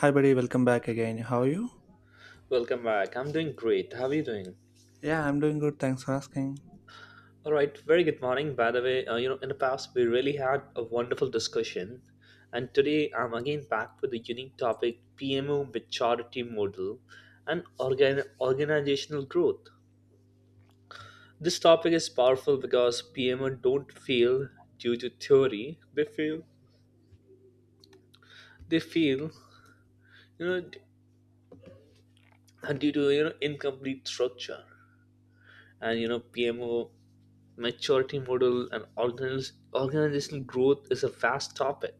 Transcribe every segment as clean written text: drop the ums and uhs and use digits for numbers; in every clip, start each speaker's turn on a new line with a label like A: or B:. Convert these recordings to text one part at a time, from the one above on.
A: Hi, buddy. Welcome back again. How are you?
B: Welcome back. I'm doing great. How are you doing?
A: Yeah, I'm doing good. Thanks for asking.
B: All right. Very good morning. By the way, in the past we really had a wonderful discussion, and today I'm again back with the unique topic PMO maturity model and organizational growth. This topic is powerful because PMO don't fail due to theory. They fail. They fail. You know, d- Due to incomplete structure. And PMO, maturity model, and organizational growth is a vast topic.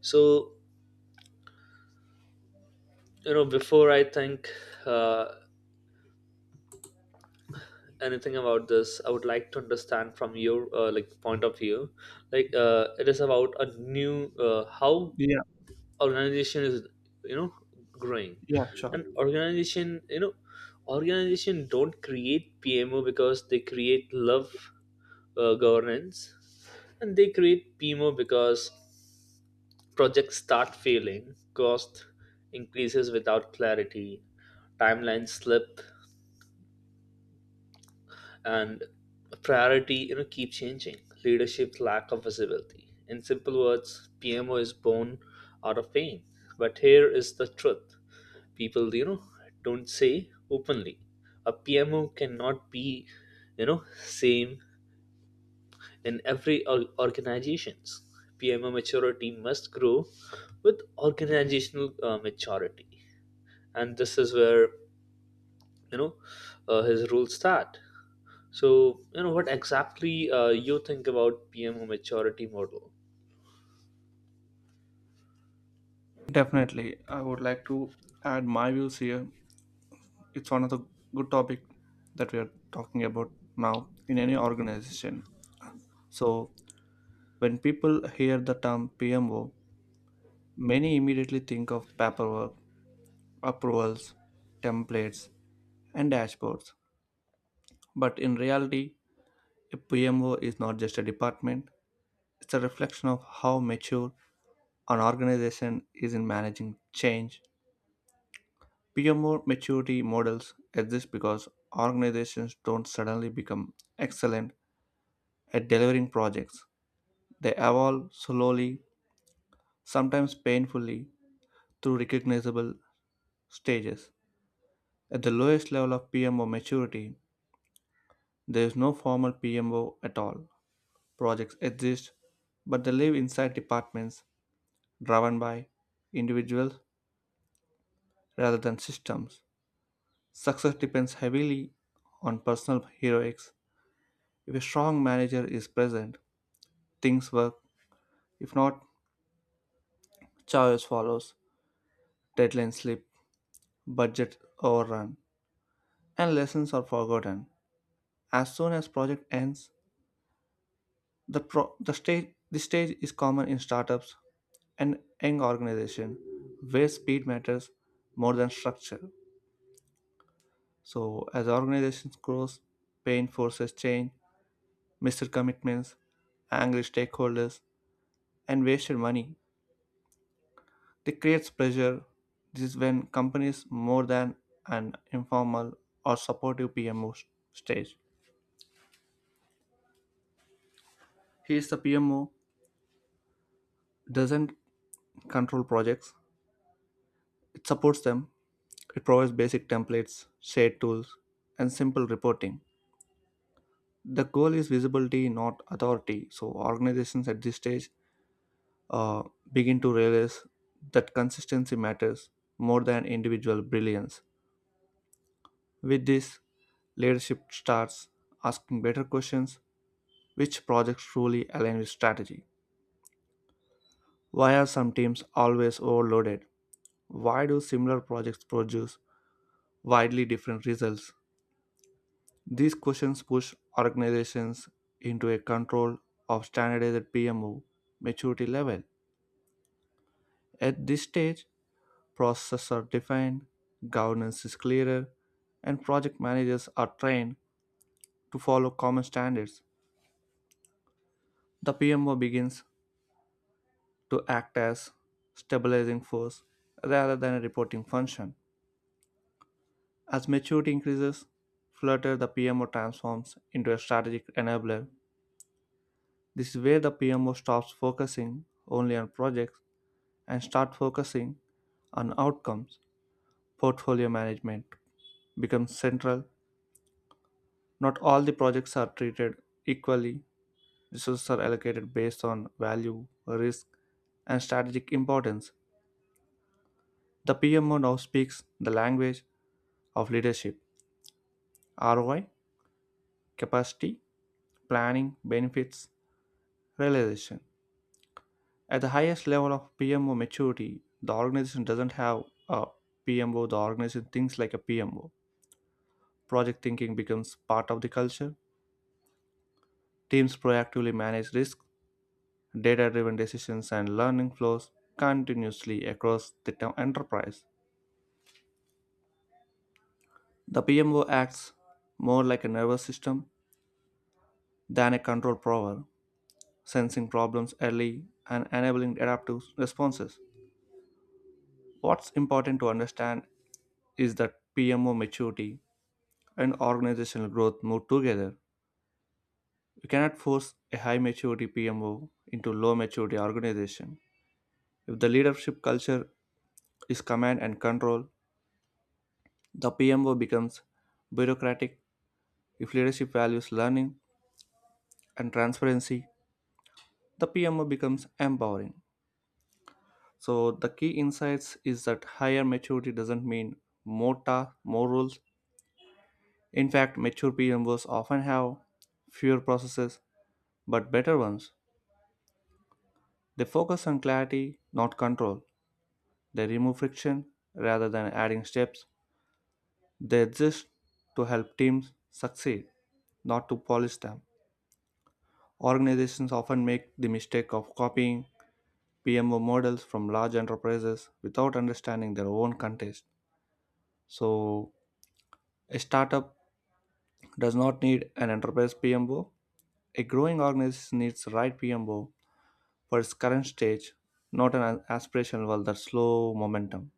B: So before I think uh, anything about this, I would like to understand from your like point of view, like it is about a new how
A: Yeah,
B: organization is you know growing,
A: yeah, sure.
B: and organization you know organization don't create PMO because they create love governance. And they create pmo because projects start failing, cost increases without clarity, timelines slip, and priority keep changing, leadership lack of visibility. In simple words, pmo is born out of pain. But here is the truth: people don't say openly a pmo cannot be you know same in every organizations. PMO maturity must grow with organizational maturity, and this is where you know his rules start. So what exactly you think about PMO maturity model?
A: Definitely, I would like to add my views here. It's one of the good topic that we are talking about now in any organization. So when people hear the term PMO, many immediately think of paperwork, approvals, templates, and dashboards. But in reality, a PMO is not just a department. It's a reflection of how mature an organization is in managing change. PMO maturity models exist because organizations don't suddenly become excellent at delivering projects. They evolve slowly, sometimes painfully, through recognizable stages. At the lowest level of PMO maturity, there is no formal PMO at all. Projects exist, but they live inside departments driven by individuals rather than systems. Success depends heavily on personal heroics. If a strong manager is present, things work. If not, chaos follows. Deadlines slip, budget overrun, and lessons are forgotten. As soon as project ends, the stage is common in startups and young organization where speed matters more than structure. So as organizations grows, pain forces change, missed commitments, angry stakeholders, and wasted money. It creates pressure. This is when companies more than an informal or supportive PMO stage. Here is the PMO doesn't control projects. It supports them. It provides basic templates, shared tools, and simple reporting. The goal is visibility, not authority. So organizations at this stage uh, begin to realize that consistency matters more than individual brilliance. With this, leadership starts asking better questions. Which projects truly align with strategy? Why are some teams always overloaded? Why do similar projects produce widely different results? These questions push organizations into a control of standardized PMO maturity level. At this stage, processes are defined, governance is clearer, and project managers are trained to follow common standards. The PMO begins to act as stabilizing force rather than a reporting function. As maturity increases, Flutter the PMO transforms into a strategic enabler. This is where the PMO stops focusing only on projects and start focusing on outcomes. Portfolio management becomes central. Not all the projects are treated equally. Resources are allocated based on value, risk, and strategic importance. The PMO now speaks the language of leadership, ROI, capacity, planning, benefits, realization. At the highest level of PMO maturity, the organization doesn't have a PMO, the organization thinks like a PMO. Project thinking becomes part of the culture. Teams proactively manage risk, data driven decisions, and learning flows continuously across the enterprise. The PMO acts more like a nervous system than a control prover, sensing problems early and enabling adaptive responses. What's important to understand is that PMO maturity and organizational growth move together. You cannot force a high maturity PMO into low maturity organization. If the leadership culture is command and control, the PMO becomes bureaucratic. If leadership values learning and transparency, the PMO becomes empowering. So the key insights is that higher maturity doesn't mean more tasks, more rules. In fact, mature PMOs often have fewer processes but better ones. They focus on clarity, not control. They remove friction rather than adding steps. They exist to help teams succeed, not to polish them. Organizations often make the mistake of copying PMO models from large enterprises without understanding their own context. So, a startup does not need an enterprise PMO. A growing organization needs the right PMO for its current stage, not an aspirational one that's slow momentum.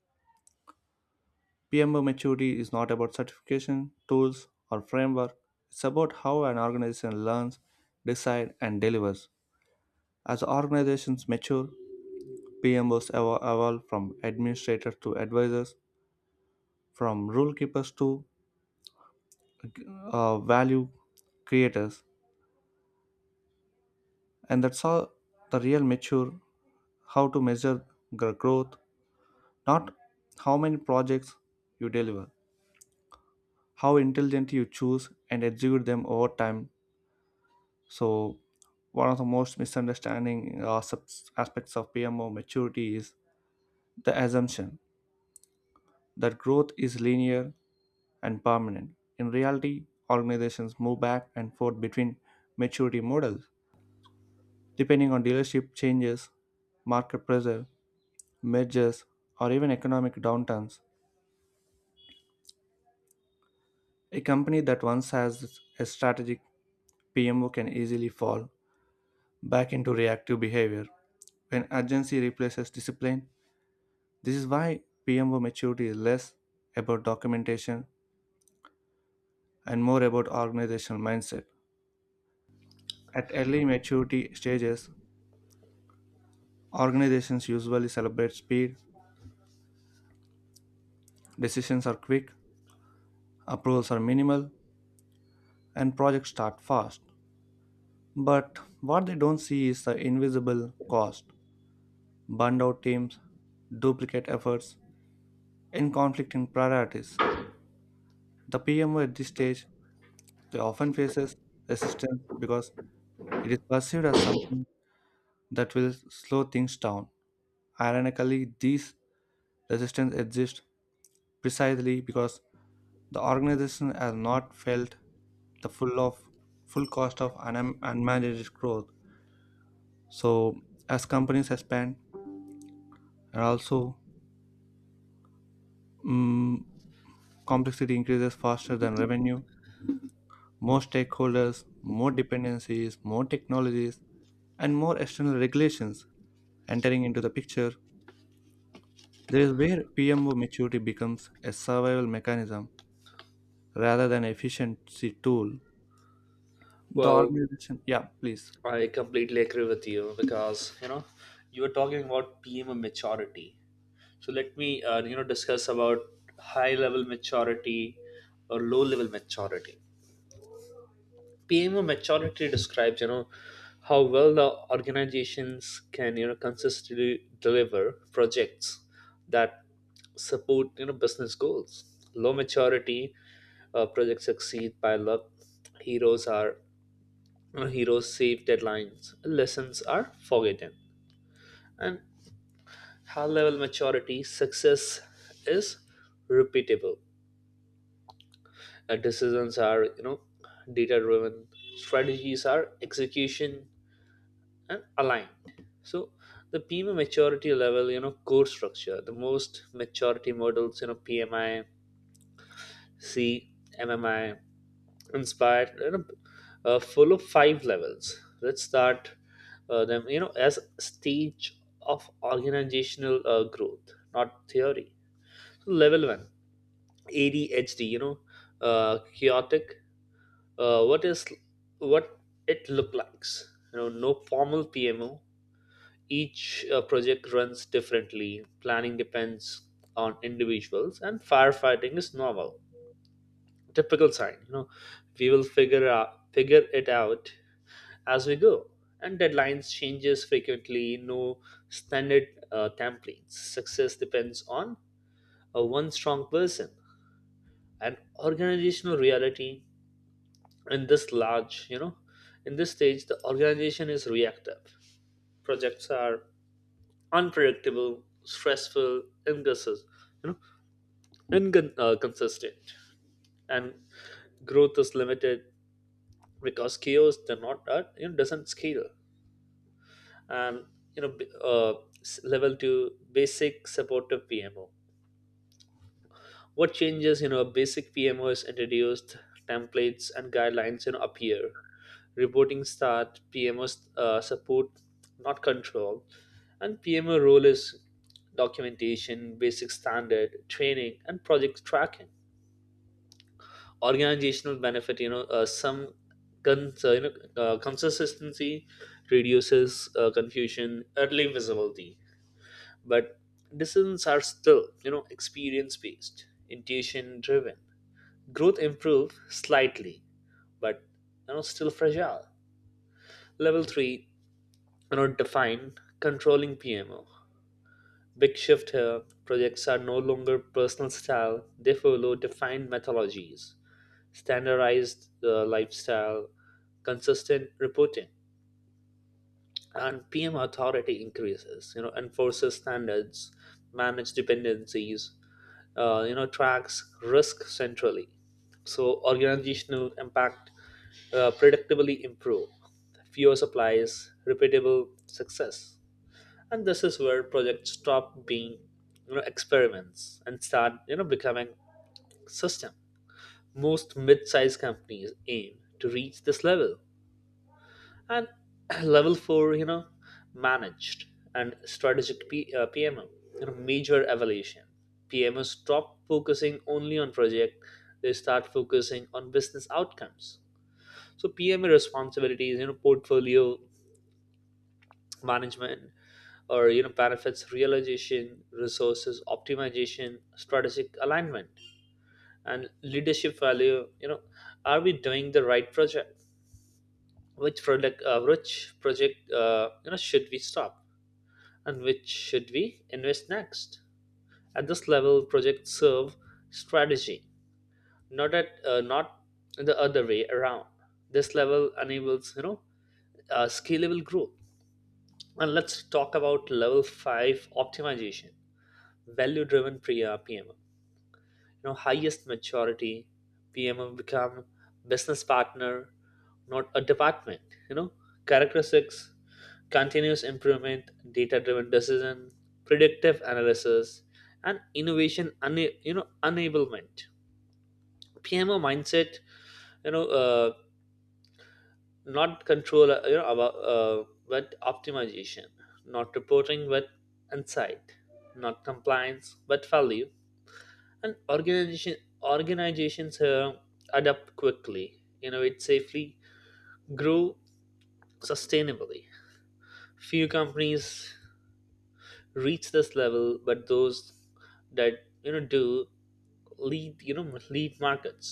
A: PMO maturity is not about certification, tools, or framework. It's about how an organization learns, decides, and delivers. As organizations mature, PMOs evolve from administrators to advisors, from rule keepers to value creators. And that's how the real mature how to measure growth, not how many projects you deliver, how intelligently you choose and execute them over time. So, one of the most misunderstanding aspects of PMO maturity is the assumption that growth is linear and permanent. In reality, organizations move back and forth between maturity models depending on dealership changes, market pressure, mergers, or even economic downturns. A company that once has a strategic PMO can easily fall back into reactive behavior when urgency replaces discipline. This is why PMO maturity is less about documentation and more about organizational mindset. At early maturity stages, organizations usually celebrate speed, decisions are quick, approvals are minimal, and projects start fast. But what they don't see is the invisible cost burned out teams, duplicate efforts, and conflicting priorities. The PMO at this stage they often faces resistance because it is perceived as something that will slow things down. Ironically, these resistance exist precisely because the organization has not felt the full of full cost of unmanaged growth. So as companies expand and also mm, complexity increases faster than revenue, more stakeholders, more dependencies, more technologies, and more external regulations entering into the picture, there is where PMO maturity becomes a survival mechanism rather than efficiency tool. The
B: Well,
A: organization, yeah, please.
B: I completely agree with you because you were talking about PMO maturity. So let me discuss about high level maturity or low level maturity. PMO maturity describes, how well the organizations can, consistently deliver projects that support, business goals. Low maturity, projects succeed by luck. Heroes are heroes save deadlines. Lessons are forgotten. And high level maturity success is repeatable. Decisions are, data driven. Strategies are execution and aligned. So the PMI maturity level, core structure, the most maturity models, PMI, C, MMI, inspired, full of five levels. Let's start them, as stage of organizational growth, not theory. So level one, ADHD, chaotic. What is what it look like?s no formal PMO, each project runs differently, planning depends on individuals, and firefighting is normal. Typical sign, we will figure it out as we go. And deadlines changes frequently. No standard templates. Success depends on one strong person. And organizational reality in this large, you know, in this stage, the organization is reactive. Projects are unpredictable, stressful, inconsistent, you know, consistent, and growth is limited because chaos they're not that you know doesn't scale. And you know b- uh, level two, basic supportive PMO. What changes, basic pmos introduced, templates and guidelines appear, reporting start, pmos support not control. And pmo role is documentation, basic standard, training, and project tracking. Organizational benefit, some cons- uh, you know consistency reduces confusion, early visibility. But decisions are still experience based, intuition driven. Growth improved slightly, but still fragile. Level three, define controlling PMO. Big shift here. Projects are no longer personal style; they follow defined methodologies, standardized lifestyle, consistent reporting. And PM authority increases, enforces standards, manage dependencies, tracks risk centrally. So organizational impact predictably improve, fewer supplies, repeatable success. And this is where projects stop being, experiments and start, becoming system. Most mid-sized companies aim to reach this level. And level 4, managed and strategic pmo, major evaluation. Pmos stop focusing only on project, they start focusing on business outcomes. So PMO responsibilities, portfolio management, or benefits realization, resources optimization, strategic alignment, and leadership value. Are we doing the right project? Which product uh, which project should we stop, and which should we invest next? At this level, projects serve strategy, not the other way around. This level enables scalable growth. And let's talk about level five optimization, value-driven PMO. Highest maturity PMO become business partner, not a department. You know, characteristics: continuous improvement, data driven decision, predictive analysis, and innovation enablement. PMO mindset, you know, uh, not control, but optimization, not reporting but insight, not compliance but value. And organizations adapt quickly, innovate safely, grow sustainably. Few companies reach this level, but those that you know do lead you know lead markets.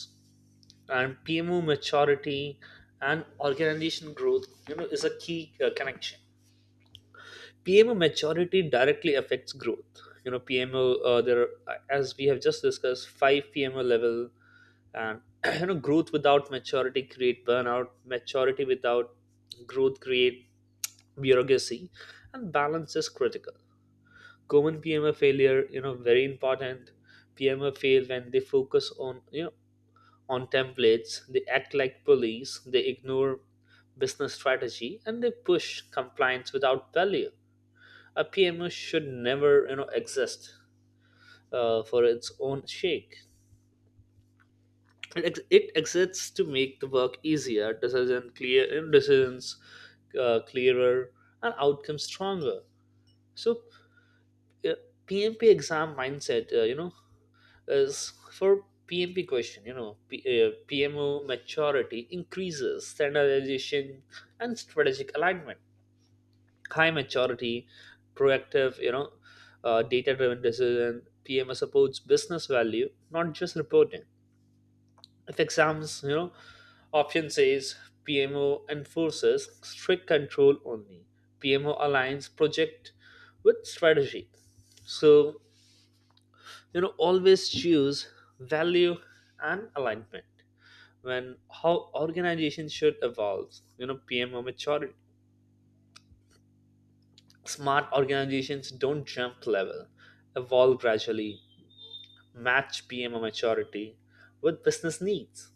B: And pmo maturity and organization growth is a key connection. Pmo maturity directly affects growth. You know pmo There are, as we have just discussed, five pmo level. And growth without maturity create burnout, maturity without growth create bureaucracy, and balance is critical. Common PMA failure, very important. PMA fail when they focus on, templates, they act like police, they ignore business strategy, and they push compliance without value. A PMO should never exist for its own sake. It exists to make the work easier, decision clear, uh, clearer, and outcomes stronger. So, uh, PMP exam mindset, is for PMP question. PMO maturity increases standardization and strategic alignment. High maturity, proactive, data driven decision. PMO supports business value, not just reporting. If exams, option says PMO enforces strict control only, PMO aligns project with strategy. So always choose value and alignment when how organizations should evolve. Pmo maturity, smart organizations don't jump level, evolve gradually, match pmo maturity with business needs.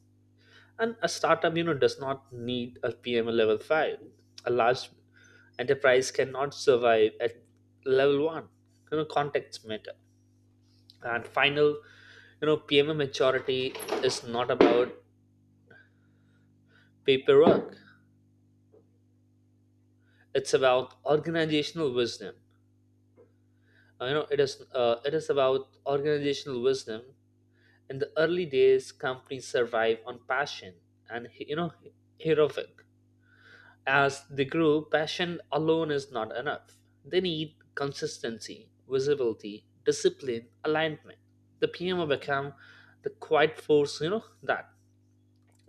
B: And a startup does not need a pmo level 5. A large enterprise cannot survive at level 1. Contexts matter. And final, pmo maturity is not about paperwork. It's about organizational wisdom. It is about organizational wisdom. In the early days, companies survive on passion and heroic. As they grow, passion alone is not enough. They need consistency, visibility, discipline, alignment. The PMO become the quiet force, that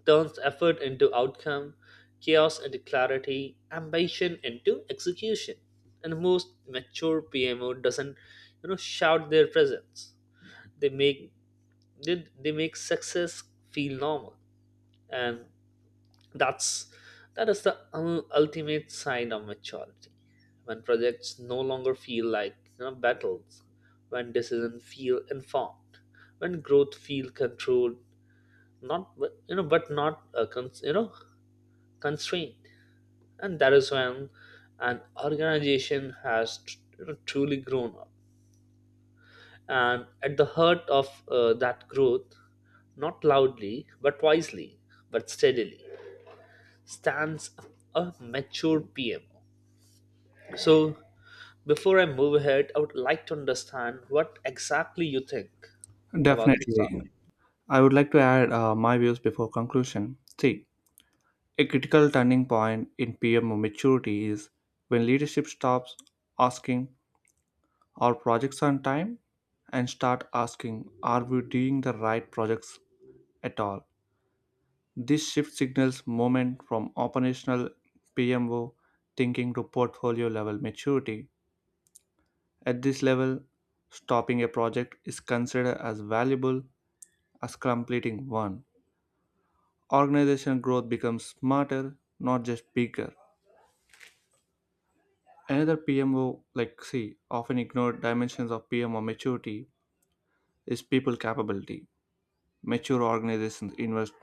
B: turns effort into outcome, chaos into clarity, ambition into execution. And the most mature PMO doesn't, shout their presence. They make they make success feel normal, and that's that is the ultimate sign of maturity. When projects no longer feel like battles, when decisions feel informed, when growth feel controlled, not you know but not cons- you know constraint. And that is when an organization has truly grown up, and at the heart of that growth, not loudly but wisely but steadily, stands a mature pmo. So before I move ahead, I would like to understand what exactly you think about this topic.
A: Definitely, I would like to add my views before conclusion. See, a critical turning point in PM maturity is when leadership stops asking, are projects on time? And start asking, are we doing the right projects at all? This shift signals moment from operational PMO thinking to portfolio level maturity. At this level, stopping a project is considered as valuable as completing one. Organization growth becomes smarter, not just bigger. Another PMO, like C, often ignored dimensions of PMO maturity is people capability. Mature organizations invest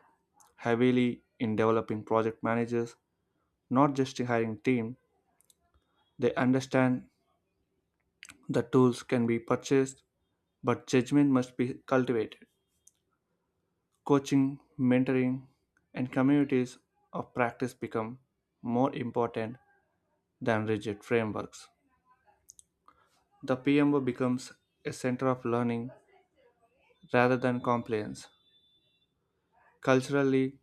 A: heavily in developing project managers, not just a hiring team. They understand the tools can be purchased, but judgment must be cultivated. Coaching, mentoring, and communities of practice become more important than rigid frameworks. The PMO becomes a center of learning rather than compliance. Culturally,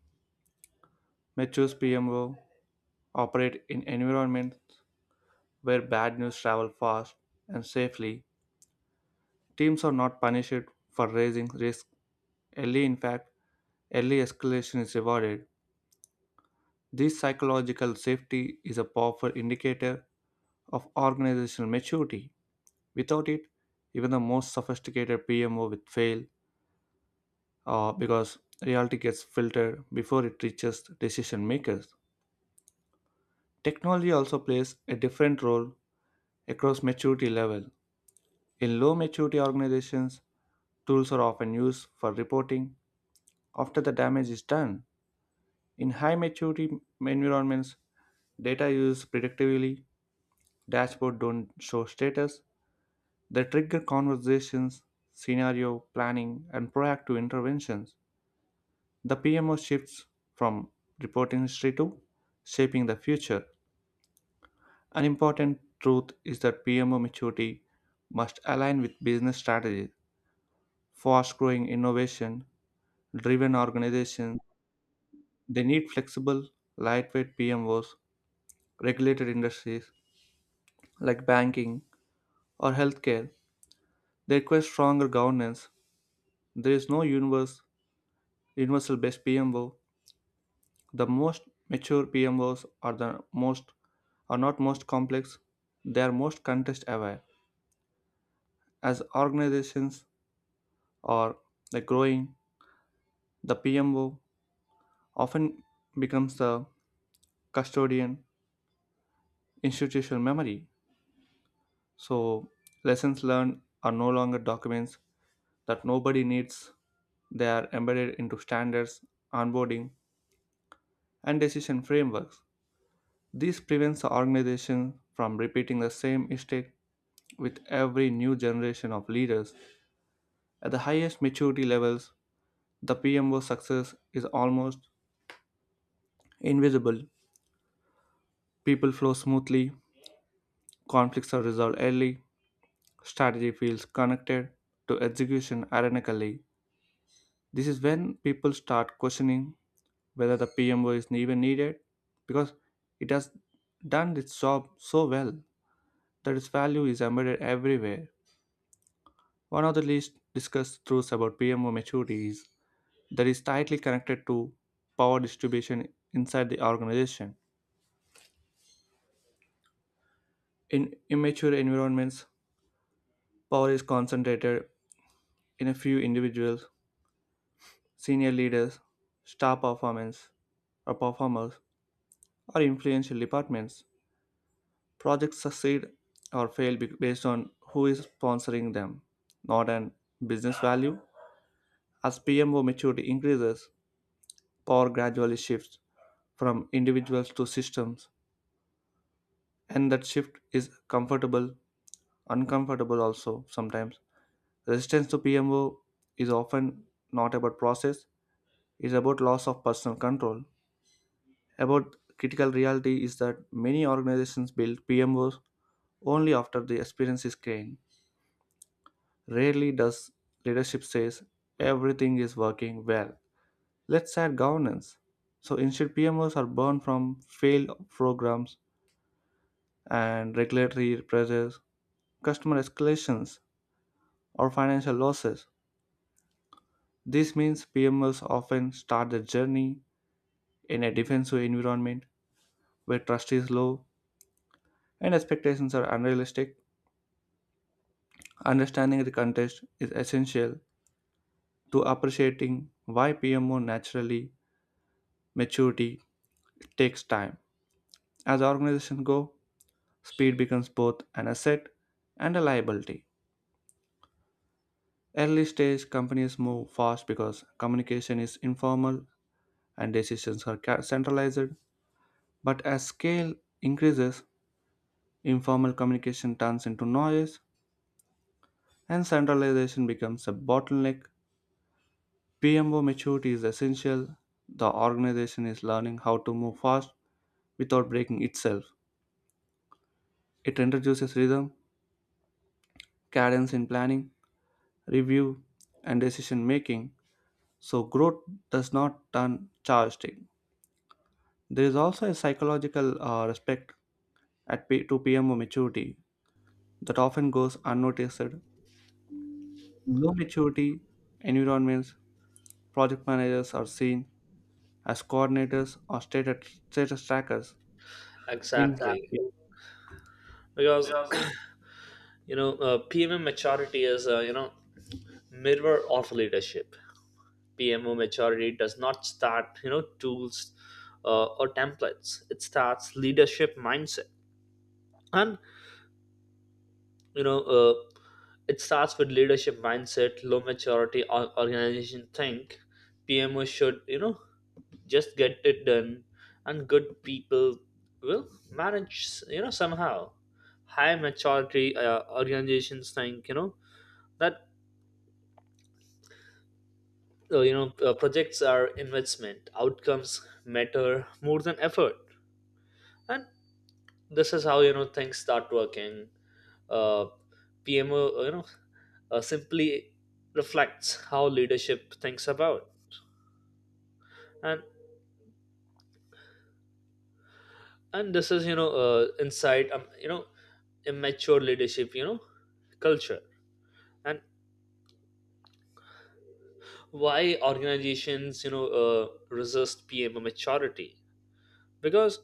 A: mature PMO operate in environments where bad news travel fast and safely. Teams are not punished for raising risk early. In fact, early escalation is rewarded. This psychological safety is a powerful indicator of organizational maturity. Without it, even the most sophisticated PMO would fail because reality gets filtered before it reaches decision makers. Technology also plays a different role across maturity level. In low maturity organizations, tools are often used for reporting after the damage is done. In high maturity environments, data is used predictively. Dashboards don't show status, they trigger conversations, scenario planning, and proactive interventions. The PMO shifts from reporting history to shaping the future. An important truth is that PMO maturity must align with business strategies. Fast growing innovation driven organizations they need flexible, lightweight PMOs, regulated industries like banking or healthcare. They require stronger governance. There is no universal best PMO. The most mature PMOs are the most are not most complex, they are most context aware. As organizations are the growing, the PMO often becomes the custodian institutional memory. So lessons learned are no longer documents that nobody needs. They are embedded into standards, onboarding, and decision frameworks. This prevents the organization from repeating the same mistake with every new generation of leaders. At the highest maturity levels, the PMO success is almost invisible. People flow smoothly, conflicts are resolved early, strategy feels connected to execution ironically. This is when people start questioning whether the PMO is even needed because it has done its job so well that its value is embedded everywhere. One of the least discussed truths about PMO maturity is that is tightly connected to power distribution inside the organization. In immature environments, power is concentrated in a few individuals, senior leaders, star performance or performers, or influential departments. Projects succeed or fail based on who is sponsoring them, not on business value. As PMO maturity increases, power gradually shifts from individuals to systems, and that shift is comfortable uncomfortable also sometimes. Resistance to PMO is often not about process, it's about loss of personal control. About critical reality is that many organizations build PMOs only after the experience is gained. Rarely does leadership says everything is working well. Let's add governance. So instead PMOs are born from failed programs and regulatory pressures, customer escalations or financial losses. This means PMLs often start their journey in a defensive environment where trust is low and expectations are unrealistic. Understanding the context is essential to appreciating why PMO naturally maturity takes time. As organizations go, speed becomes both an asset and a liability. Early stage companies move fast because communication is informal and decisions are centralized, but as scale increases, informal communication turns into noise, and centralization becomes a bottleneck. PMO maturity is essential. The organization is learning how to move fast without breaking itself. It introduces rhythm, cadence in planning, review, and decision making, so growth does not turn chaotic. There is also a psychological respect to PMO maturity that often goes unnoticed. Low maturity environments, project managers are seen as status trackers. In,
B: Exactly, because pmm maturity is mirror of leadership. PMO maturity does not start, tools or templates. It starts leadership mindset. And you know, uh, it starts with leadership mindset. Low maturity organization think PMO should, just get it done, and good people will manage, somehow. High maturity organizations think, you know, that you know projects are investment, outcomes matter more than effort. And this is how things start working. Uh, pmo you know simply reflects how leadership thinks about. and and this is you know inside immature leadership culture. And why organizations resist pmo maturity? Because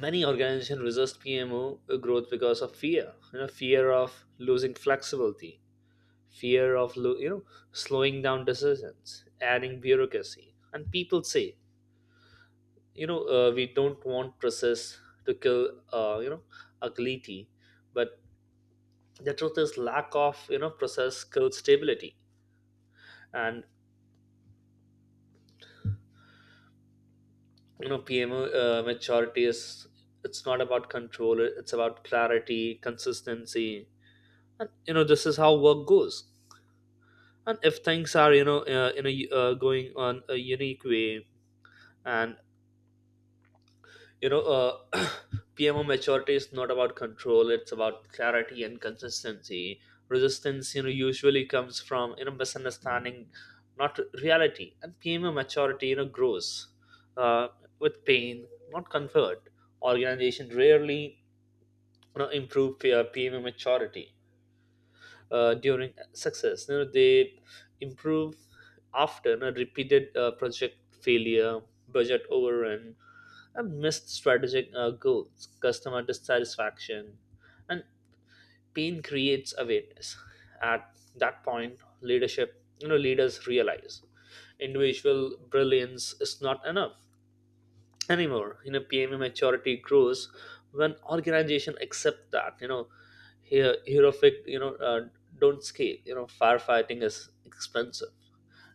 B: many organizations resist pmo growth because of fear, fear of losing flexibility, fear of lo- you know slowing down decisions, adding bureaucracy. And people say, we don't want process to kill, uh, you know agility. But the truth is, lack of process kills stability. And pmo maturity is it's not about control, it's about clarity, consistency. And this is how work goes, and if things are you know in a going on a unique way. And you know uh, pmo maturity is not about control, it's about clarity and consistency. Resistance usually comes from misunderstanding, not reality. And pmo maturity grows uh, with pain, not comfort. Organization rarely improve their pmo maturity during success. They improve after repeated project failure, budget overrun, and missed strategic goals, customer dissatisfaction. And pain creates awareness. At that point, leadership, leaders realize individual brilliance is not enough anymore. PME maturity grows when organization accept that here heroic don't scale. Firefighting is expensive,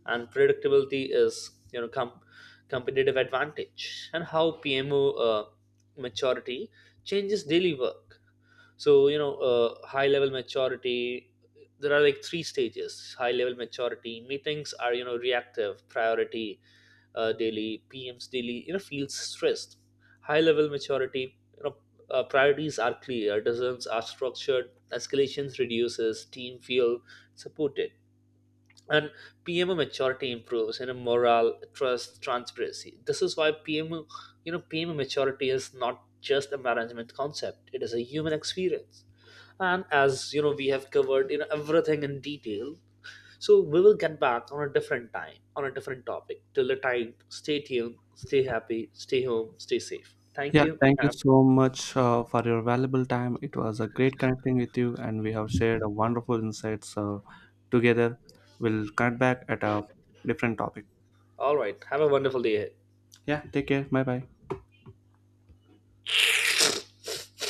B: and predictability is competitive advantage. And how pmo uh, maturity changes daily work. So high level maturity, there are like three stages. High level maturity meetings are reactive priority, daily pms daily feels stressed. High level maturity, priorities are clear, decisions are structured, escalations reduces, team feel supported. And PMO maturity improves, morale, trust, transparency. This is why PMO you know PMO maturity is not just a management concept, it is a human experience. And as we have covered everything in detail, so we will get back on a different time on a different topic. Till the time, stay tuned, stay happy, stay home, stay safe. Thank
A: yeah,
B: you, and
A: thank you
B: have.
A: so much for your valuable time. It was a great connecting with you, and we have shared a wonderful insights together. We'll connect back at a different topic.
B: All right, have a wonderful day ahead.
A: Yeah, take care. Bye bye.